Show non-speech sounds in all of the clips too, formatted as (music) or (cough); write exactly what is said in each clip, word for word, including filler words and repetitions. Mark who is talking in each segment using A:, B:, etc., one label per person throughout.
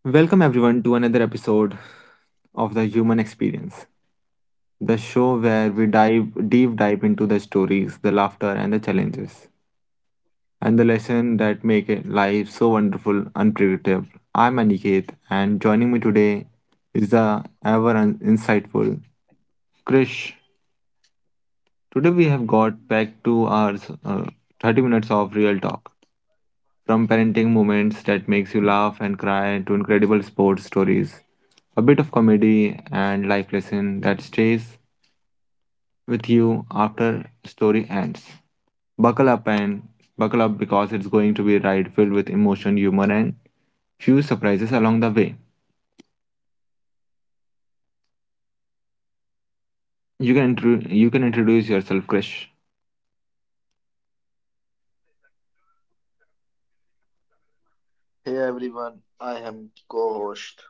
A: Welcome everyone to another episode of the Human Experience, the show where we dive deep dive into the stories, the laughter and the challenges and the lesson that make it life so wonderful unpredictable. I'm Aniket and joining me today is the ever un- insightful Krish. Today we have got back to our uh, thirty minutes of real talk. From parenting moments that makes you laugh and cry to incredible sports stories. A bit of comedy and life lesson that stays with you after story ends. Buckle up and Buckle up because it's going to be a ride filled with emotion, humor and few surprises along the way. You can intro- you can introduce yourself, Krish.
B: Hey everyone, I am co-host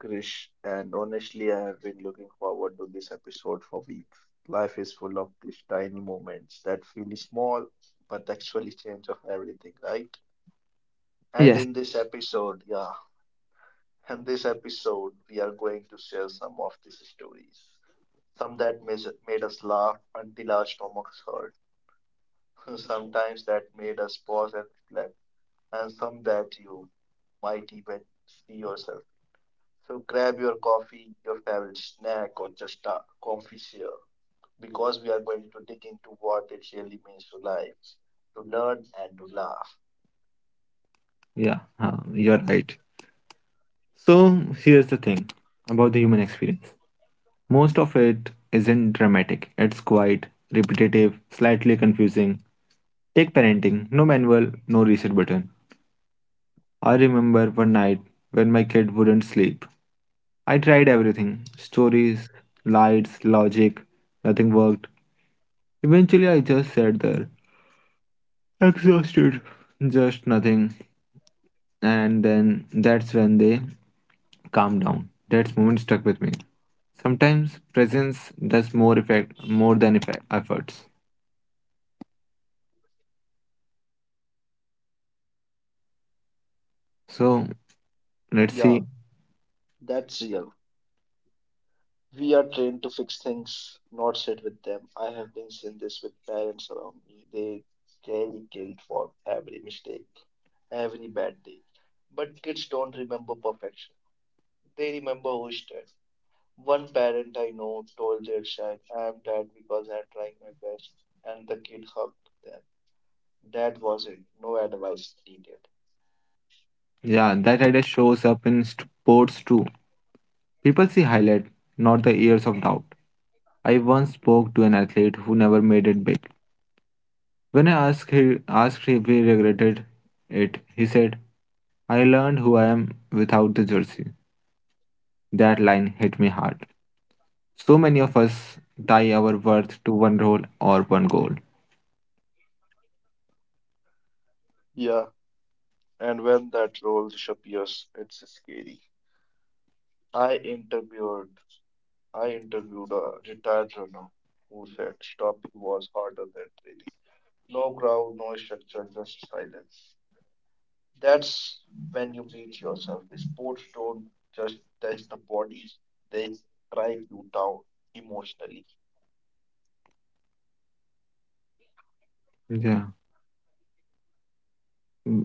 B: Krish, and honestly, I have been looking forward to this episode for weeks. Life is full of these tiny moments that feel small but actually change of everything, right? And
A: Yes.
B: in this episode, yeah, in this episode, we are going to share some of these stories. Some that mis- made us laugh until our stomachs hurt, (laughs) sometimes that made us pause and reflect, and some that you might even see yourself. So grab your coffee, your favorite snack, or just a comfy chair because we are going to dig into what it really means to life, to learn and to laugh.
A: Yeah, uh, you're right. So here's the thing about the human experience. Most of it isn't dramatic, it's quite repetitive, slightly confusing. Take parenting no manual, no reset button. I remember one night when my kid wouldn't sleep. I tried everything stories, lights, logic, nothing worked. Eventually, I just sat there, exhausted, just nothing. And then that's when they calmed down. That moment stuck with me. Sometimes presence does more effect more than effect, efforts. So let's
B: Yeah,
A: see.
B: that's real. We are trained to fix things, not sit with them. I have been seeing this with parents around me. They carry guilt for every mistake, every bad day. But kids don't remember perfection. They remember who stood. One parent I know told their child, I'm tired because I'm trying my best, and the kid hugged them. That was it. No advice needed.
A: Yeah, that idea shows up in sports too. People see highlight, not the years of doubt. I once spoke to an athlete who never made it big. When I asked him, asked if he regretted it, he said, I learned who I am without the jersey. That line hit me hard. So many of us tie our worth to one role or one goal.
B: Yeah, and when that role disappears, it's scary. I interviewed I interviewed a retired runner who said stopping was harder than training. No crowd, no structure, just silence. That's when you meet yourself. Sports don't just test the bodies, they drive you down emotionally.
A: Yeah. Mm,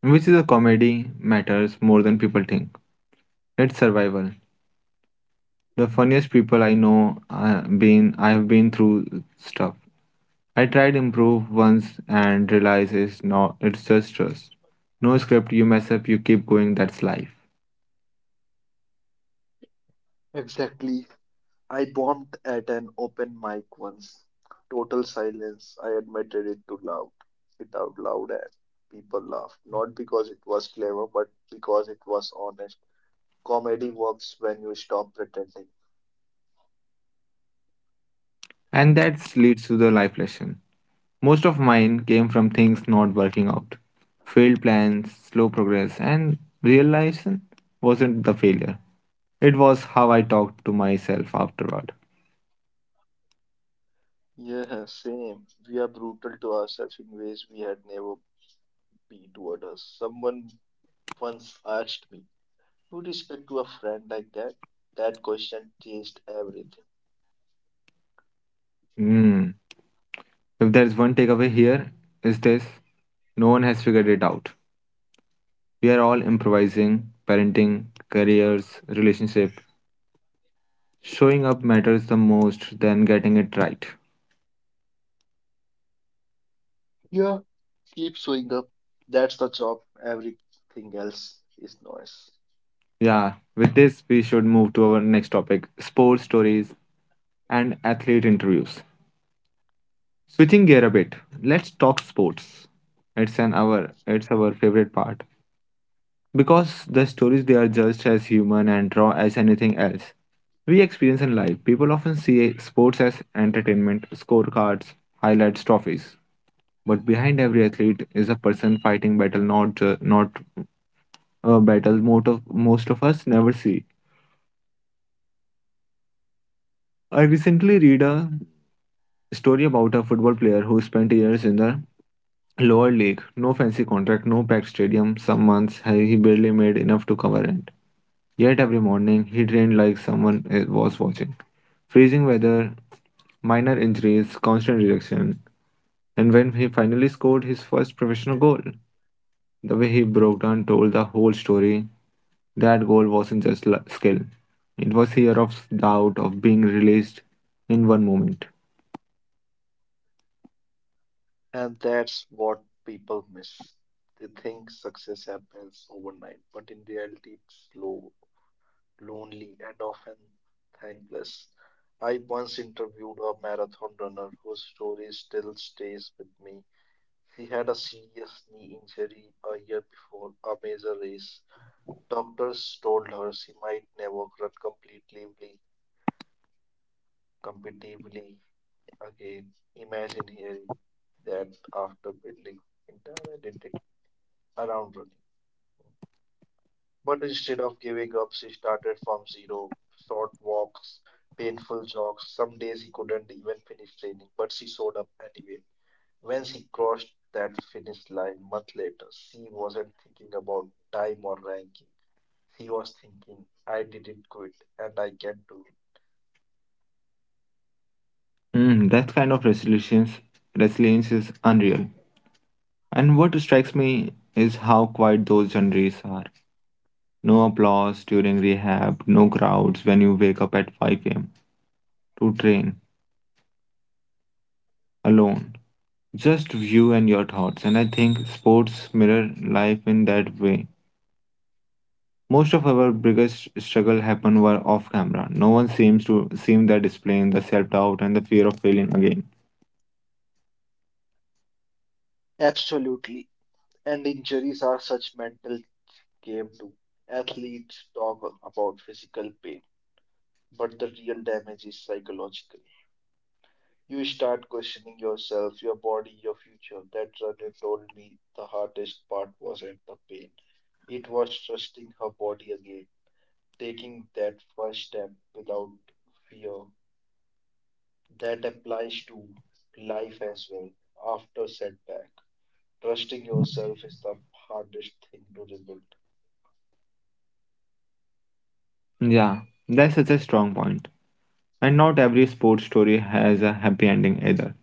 A: which is a comedy matters more than people think. It's survival. The funniest people I know I been I have been through stuff. I tried improve once and realized it's not it's just trust. No script, you mess up, you keep going, that's life.
B: Exactly. I bombed at an open mic once. Total silence. I admitted it too loud. It out loud and people laughed. Not because it was clever, but because it was honest. Comedy works when you stop pretending.
A: And that leads to the life lesson. Most of mine came from things not working out. Failed plans, slow progress, and realization wasn't the failure. It was how I talked to myself afterward.
B: Yeah, same. We are brutal to ourselves in ways we had never been to others. Someone once asked me. Would you speak to a friend like that? That question changed everything.
A: Hmm. If there's one takeaway here, is this no one has figured it out. We are all improvising, parenting, careers, relationship. Showing up matters the most than getting it right.
B: Yeah, keep showing up. That's the job. Everything else is noise.
A: Yeah, with this, we should move to our next topic sports stories and athlete interviews. Switching gear a bit, let's talk sports. It's an hour, it's our favorite part. Because the stories they are just as human and raw as anything else we experience in life. People often see sports as entertainment, scorecards, highlights, trophies. But behind every athlete is a person fighting battle, not ju- not a battle most of most of us never see. I recently read a story about a football player who spent years in the lower league. No fancy contract, no packed stadium. Some months he he barely made enough to cover rent. Yet every morning he trained like someone eh, was watching. Freezing weather, minor injuries, constant rejection, and when he finally scored his first professional goal, the way he broke down told the whole story. That goal wasn't just lu- skill, it was fear of doubt of being released in one moment. Mm, that kind of resilience, resilience is unreal. And what strikes me is how quiet those journeys are. No applause during rehab, no crowds when you wake up at five a m to train alone. Just you and your thoughts. And I think sports mirror life in that way. Most of our biggest struggle happen were off camera. No one seems to seem that displaying the self doubt and the fear of failing again. Yeah, that's such a strong point. And not every sports story has a happy ending either.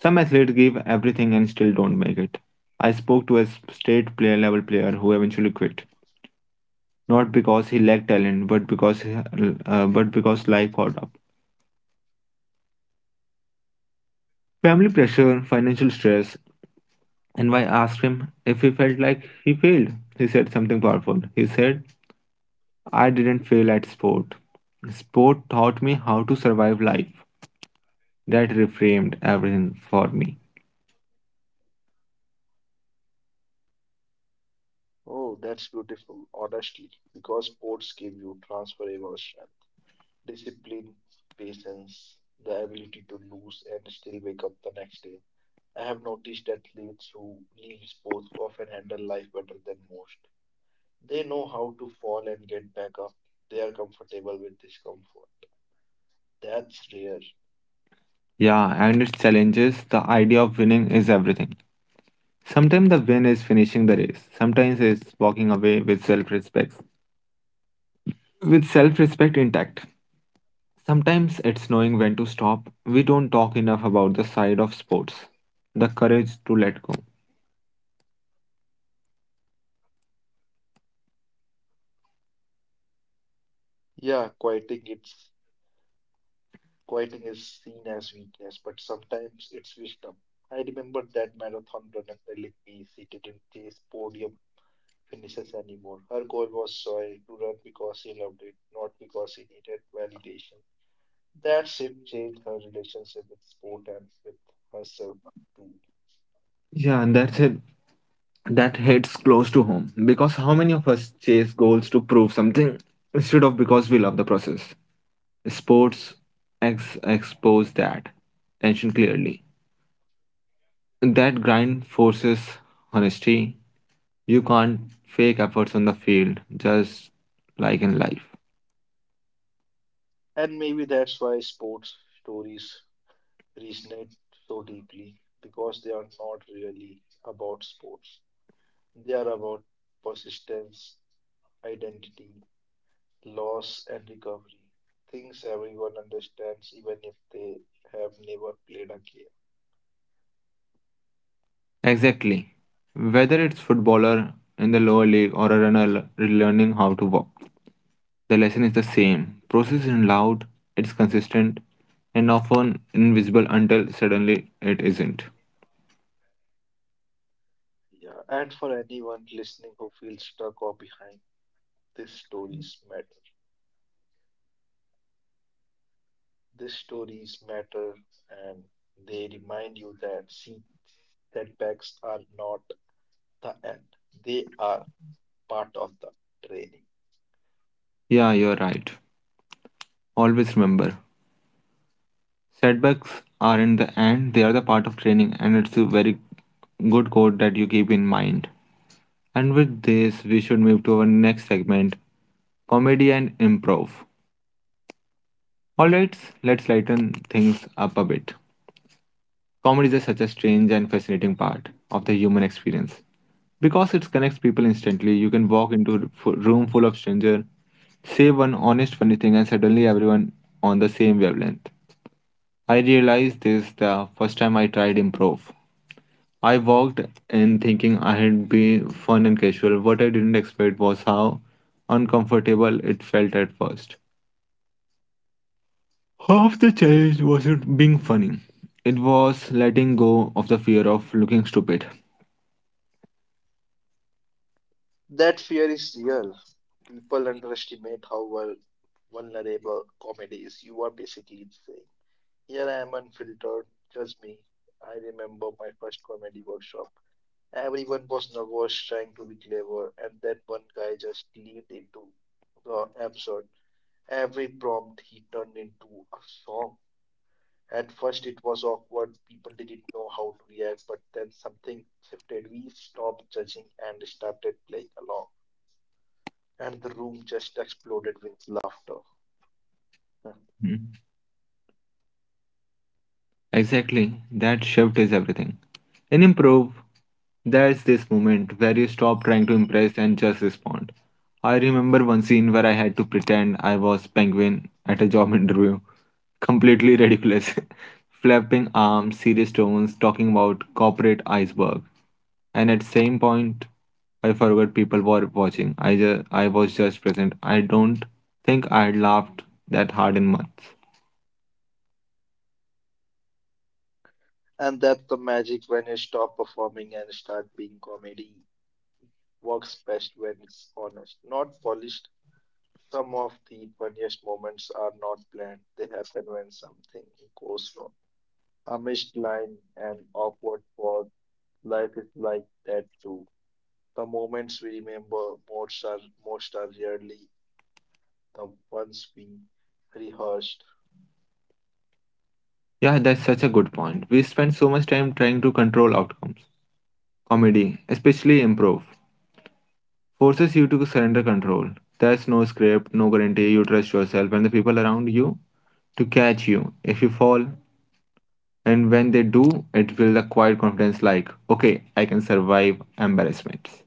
A: Some athletes give everything and still don't make it. I spoke to a s- state player level player who eventually quit, not because he lacked talent, but because he, uh, but because life caught up. Family pressure, financial stress, and I asked him if he felt like he failed. He said something powerful. He said, I didn't fail at sport. Sport taught me how to survive life. That reframed everything for me. Yeah, and its challenges, the idea of winning is everything. Sometimes the win is finishing the race, sometimes it's walking away with self respect. With self respect intact. Sometimes it's knowing when to stop. We don't talk enough about the side of sports, the courage to let go. Yeah, and that's it. That hits close to home because how many of us chase goals to prove something instead of because we love the process. Sports ex- expose that tension clearly. That grind forces honesty. You can't fake efforts on the field just like in life. Exactly, whether it's footballer in the lower league or a runner l- learning how to walk. The lesson is the same. Process is loud, it's consistent, and often invisible until suddenly it isn't. Yeah, you're right. Always remember setbacks aren't the end, they are the part of training, and it's a very good quote that you keep in mind. And with this, we should move to our next segment comedy and improv. Alright, let's lighten things up a bit. Comedy is such a strange and fascinating part of the human experience. Because it connects people instantly, you can walk into a fu- room full of strangers, say one honest funny thing, and suddenly everyone on the same wavelength. I realized this the first time I tried improv. I walked in thinking I had be fun and casual. What I didn't expect was how uncomfortable it felt at first. Half the challenge wasn't being funny. It was letting go of the fear of looking stupid. Hmm. Exactly, that shift is everything. In improv, there's this moment where you stop trying to impress and just respond. I remember one scene where I had to pretend I was Penguin at a job (laughs) interview. Completely ridiculous. (laughs) Flapping arms, serious tones, talking about corporate iceberg. And at same point, I forgot people were watching. I just I was just present. I don't think I had laughed that hard in months. Yeah, that's such a good point. We spend so much time trying to control outcomes. Comedy, especially improv, forces you to surrender control. There's no script, no guarantee. You trust yourself and the people around you to catch you if you fall. And when they do, it builds a quiet confidence like, okay, I can survive embarrassments.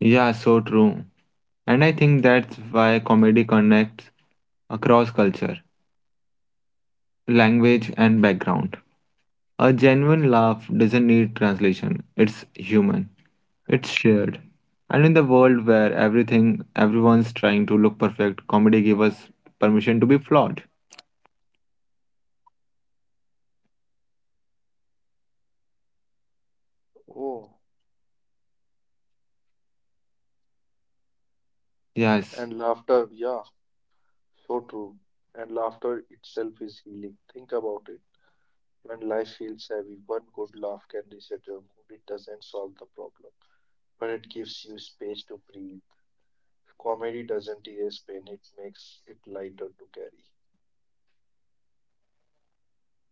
A: Yeah, so true. And I think that's why comedy connects across culture, language, and background. A genuine laugh doesn't need translation, it's human. It's shared. And in the world where everything everyone's trying to look perfect, comedy gives us permission to be flawed. Yes.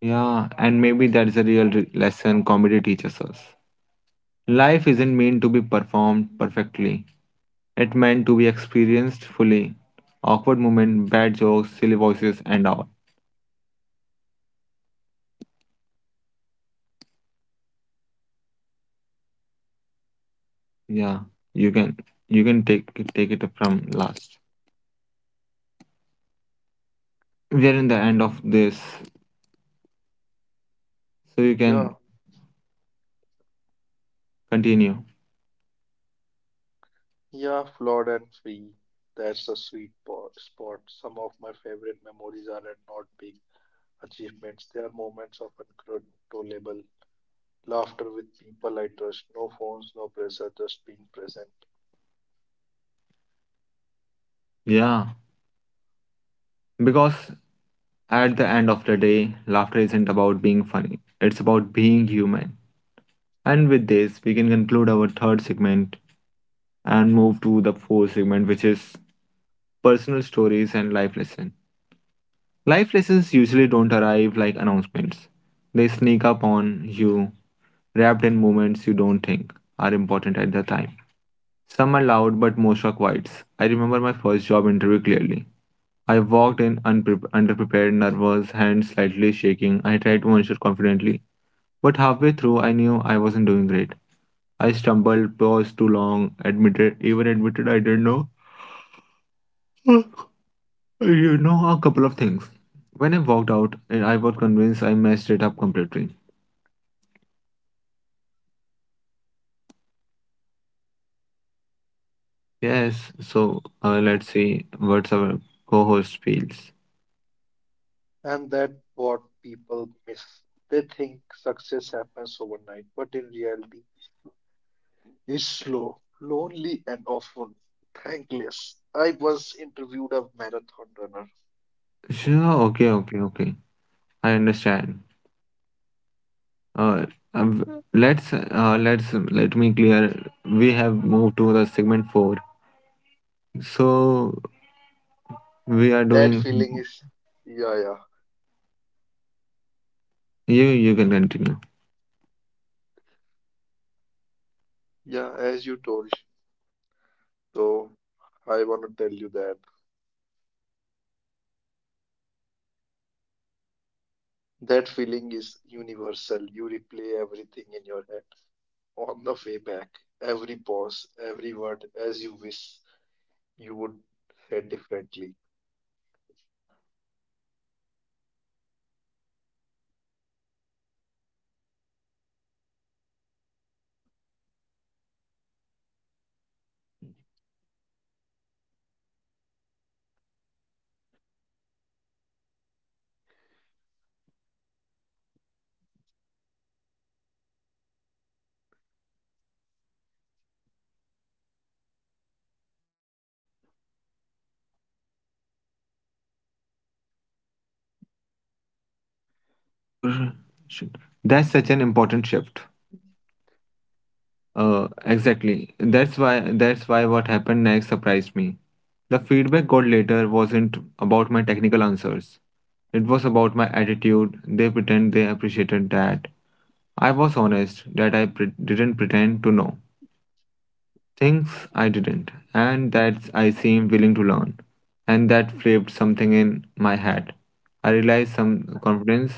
A: Yeah, and maybe that's a real re- lesson comedy teaches us. Life isn't meant to be performed perfectly. It meant to be experienced fully. Awkward moment, bad jokes, silly voices and all. Yeah, you can you can take it- take it from last. We are in the end of this, so you can continue. Yeah, because at the end of the day, laughter isn't about being funny, it's about being human. And with this, we can conclude our third segment and move to the fourth segment, which is personal stories and life lessons. Life lessons usually don't arrive like announcements, they sneak up on you, wrapped in moments you don't think are important at the time. Some are loud, but most are quiet. I remember my first job interview clearly. I walked in unpre- underprepared, nervous, hands slightly shaking. I tried to answer confidently, but halfway through I knew I wasn't doing great. I stumbled, paused too long, admitted, even admitted I didn't know. (laughs) you know a couple of things. When I walked out, eh, I was convinced I messed it up completely. Yes, so uh, let's see what's our co-host feels. Sure, okay, okay, okay. I understand. Uh, um, let's uh, let's let me clear. We have moved to the segment four, so we are doing. You you can continue. Or should- That's such an important shift. Uh, exactly. That's why that's why what happened next surprised me. The feedback got later wasn't about my technical answers. It was about my attitude. They pretend they appreciated that. I was honest that I pre- didn't pretend to know. Things I didn't, and that I seemed willing to learn. And that flipped something in my head. I realized some confidence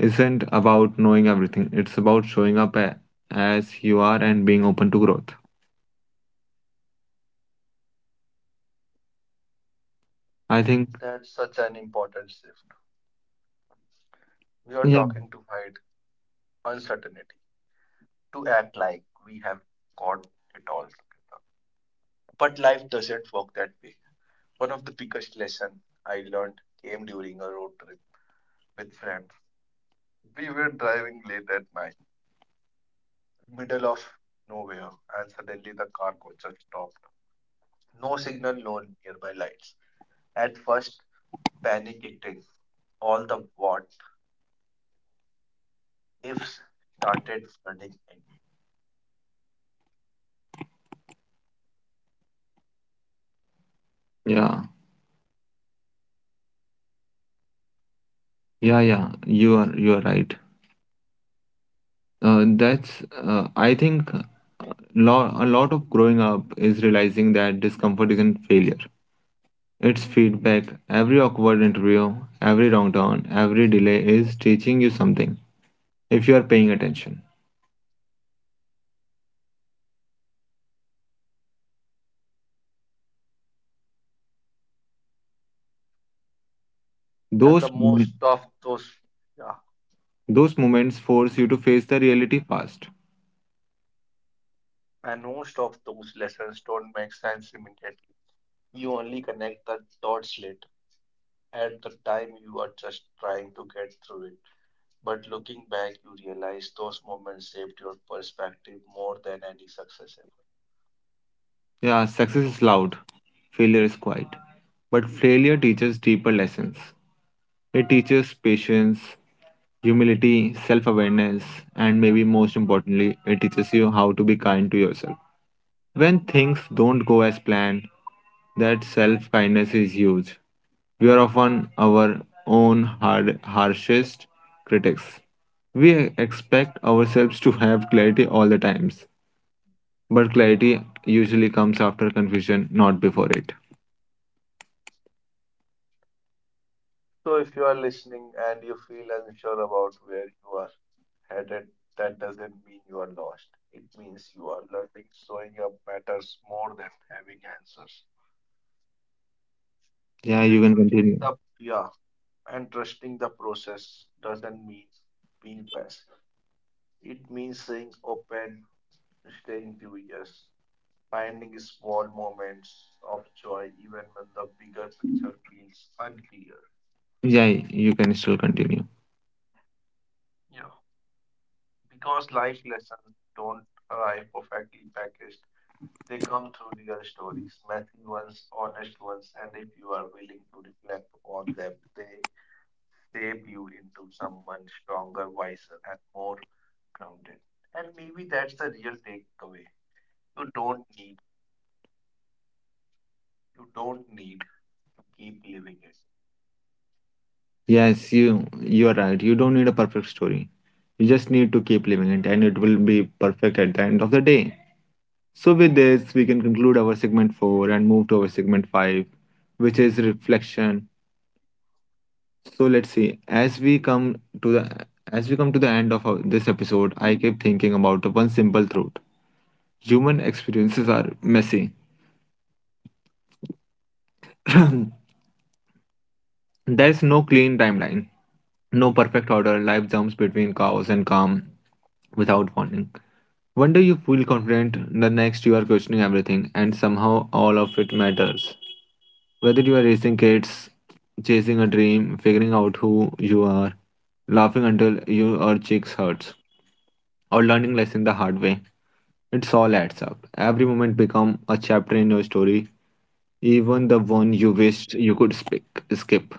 A: isn't about knowing everything, it's about showing up a- as you are and being open to growth. I think, yeah, yeah, yeah, yeah, you are, you are right. Uh, that's, uh, I think lo- a lot of growing up is realizing that discomfort isn't failure. It's feedback. Every awkward interview, every wrong turn, every delay is teaching you something if you are paying attention. Those moment- those moments force you to face the reality fast. Yeah, success is loud, failure is quiet. But failure teaches deeper lessons. It teaches patience, humility, self-awareness, and maybe most importantly, it teaches you how to be kind to yourself. When things don't go as planned, that self kindness is huge. We are often our own hard, harshest critics. We expect ourselves to have clarity all the times, but clarity usually comes after confusion, not before it. Yeah, you can continue. Yeah, you can still continue. Yes, you you are right. You don't need a perfect story. You just need to keep living it, and it will be perfect at the end of the day. So, with this, we can conclude our segment four and move to our segment five, which is reflection. So, let's see. As we come to the as we come to the end of our, this episode, I kept thinking about the one simple truth. Human experiences are messy. (clears throat) There is no clean timeline, no perfect order. Life jumps between chaos and calm without warning. One day you feel confident, the next you are questioning everything, and somehow all of it matters. Whether you are raising kids, chasing a dream, figuring out who you are, laughing until your cheeks hurts, or learning lesson the hard way, it's all adds up. Every moment become a chapter in your story, even the one you wished you could speak, skip.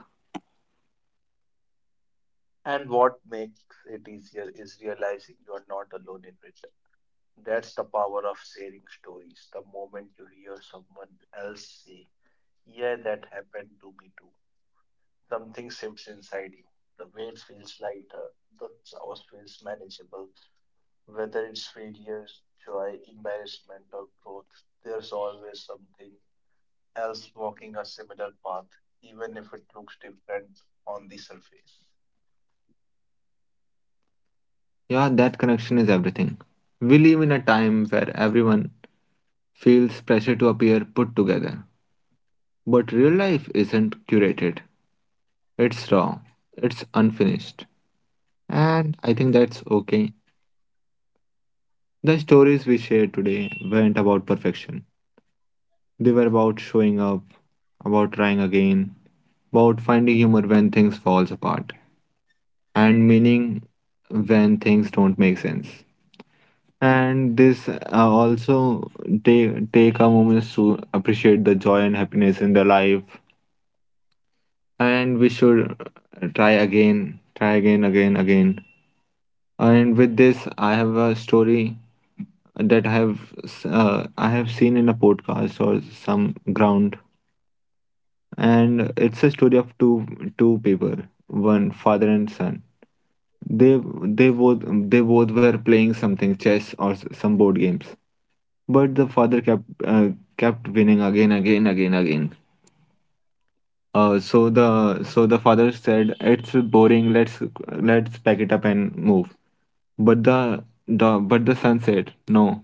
A: Yeah, that connection is everything. We live in a time where everyone feels pressure to appear put together, but real life isn't curated. It's raw. It's unfinished. And I think that's okay. The stories we shared today weren't about perfection. They were about showing up, about trying again, about finding humor when things falls apart, and meaning when things don't make sense. And this uh, also take take our moments to appreciate the joy and happiness in the life. And we should try again, try again, again, again. And with this, I have a story that I have s- uh, I have seen in a podcast or some ground, and it's a story of two two people, one father and son. They they both they both were playing something chess or s- some board games, but the father kept uh, kept winning again again again again. Uh, so the so the father said it's boring. Let's let's pack it up and move. But the the but the son said no.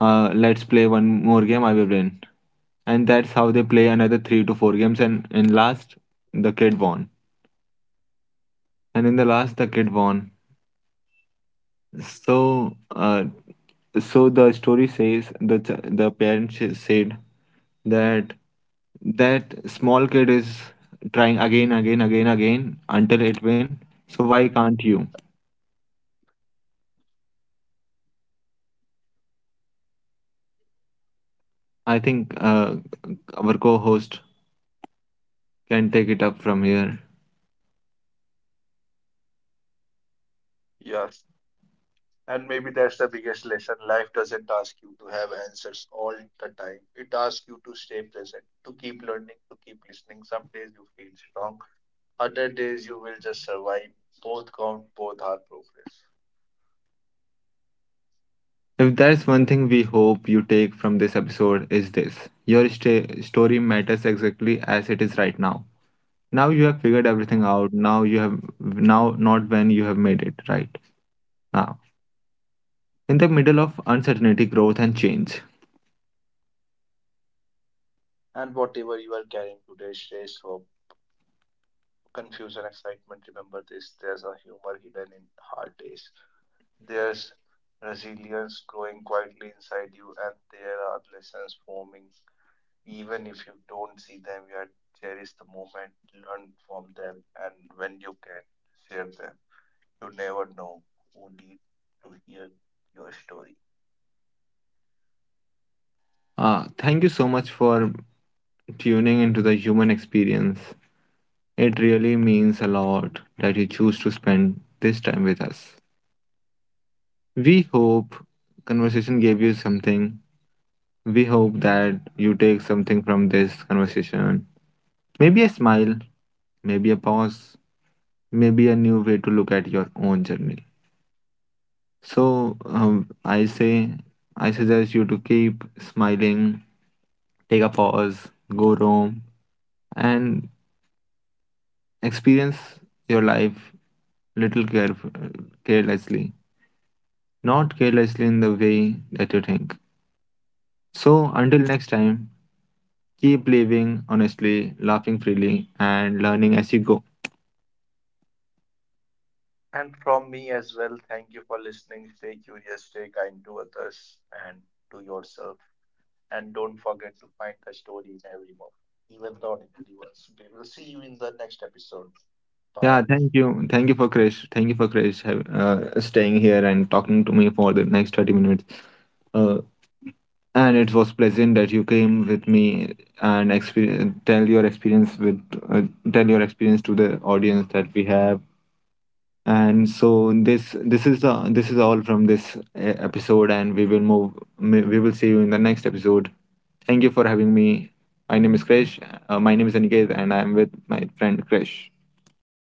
A: uh, Let's play one more game, I will win. And that's how they play another three to four games. And in last, the kid won. And in the last, the kid won. So, uh, so the story says the ch- the parents sh- said that that small kid is trying again, again, again, again until it win. So why can't you? I think uh, our co-host can take it up from here. If there's one thing we hope you take from this episode is this. Your sta- story matters exactly as it is right now. Now you have figured everything out. Now you have now not when you have made it right now. In the middle of uncertainty, growth and change. Uh, thank you so much for tuning into the human experience. It really means a lot that you choose to spend this time with us. We hope conversation gave you something. We hope that you take something from this conversation. Maybe a smile, maybe a pause, maybe a new way to look at your own journey. So um, I say, I suggest you to keep smiling, take a pause, go home, and experience your life little caref- carelessly, not carelessly in the way that you think. So until next time, keep living honestly, laughing freely, and learning as you go. Yeah, thank you. Thank you for Krish. Thank you for Krish have, uh, staying here and talking to me for the next thirty minutes. Uh, and it was pleasant that you came with me and experience, tell your experience with uh, tell your experience to the audience that we have. And so this this is uh, this is all from this uh, episode and we will move we we will see you in the next episode. Thank you for having me. My name is Krish. Uh, my name is Aniket and I am with my friend Krish.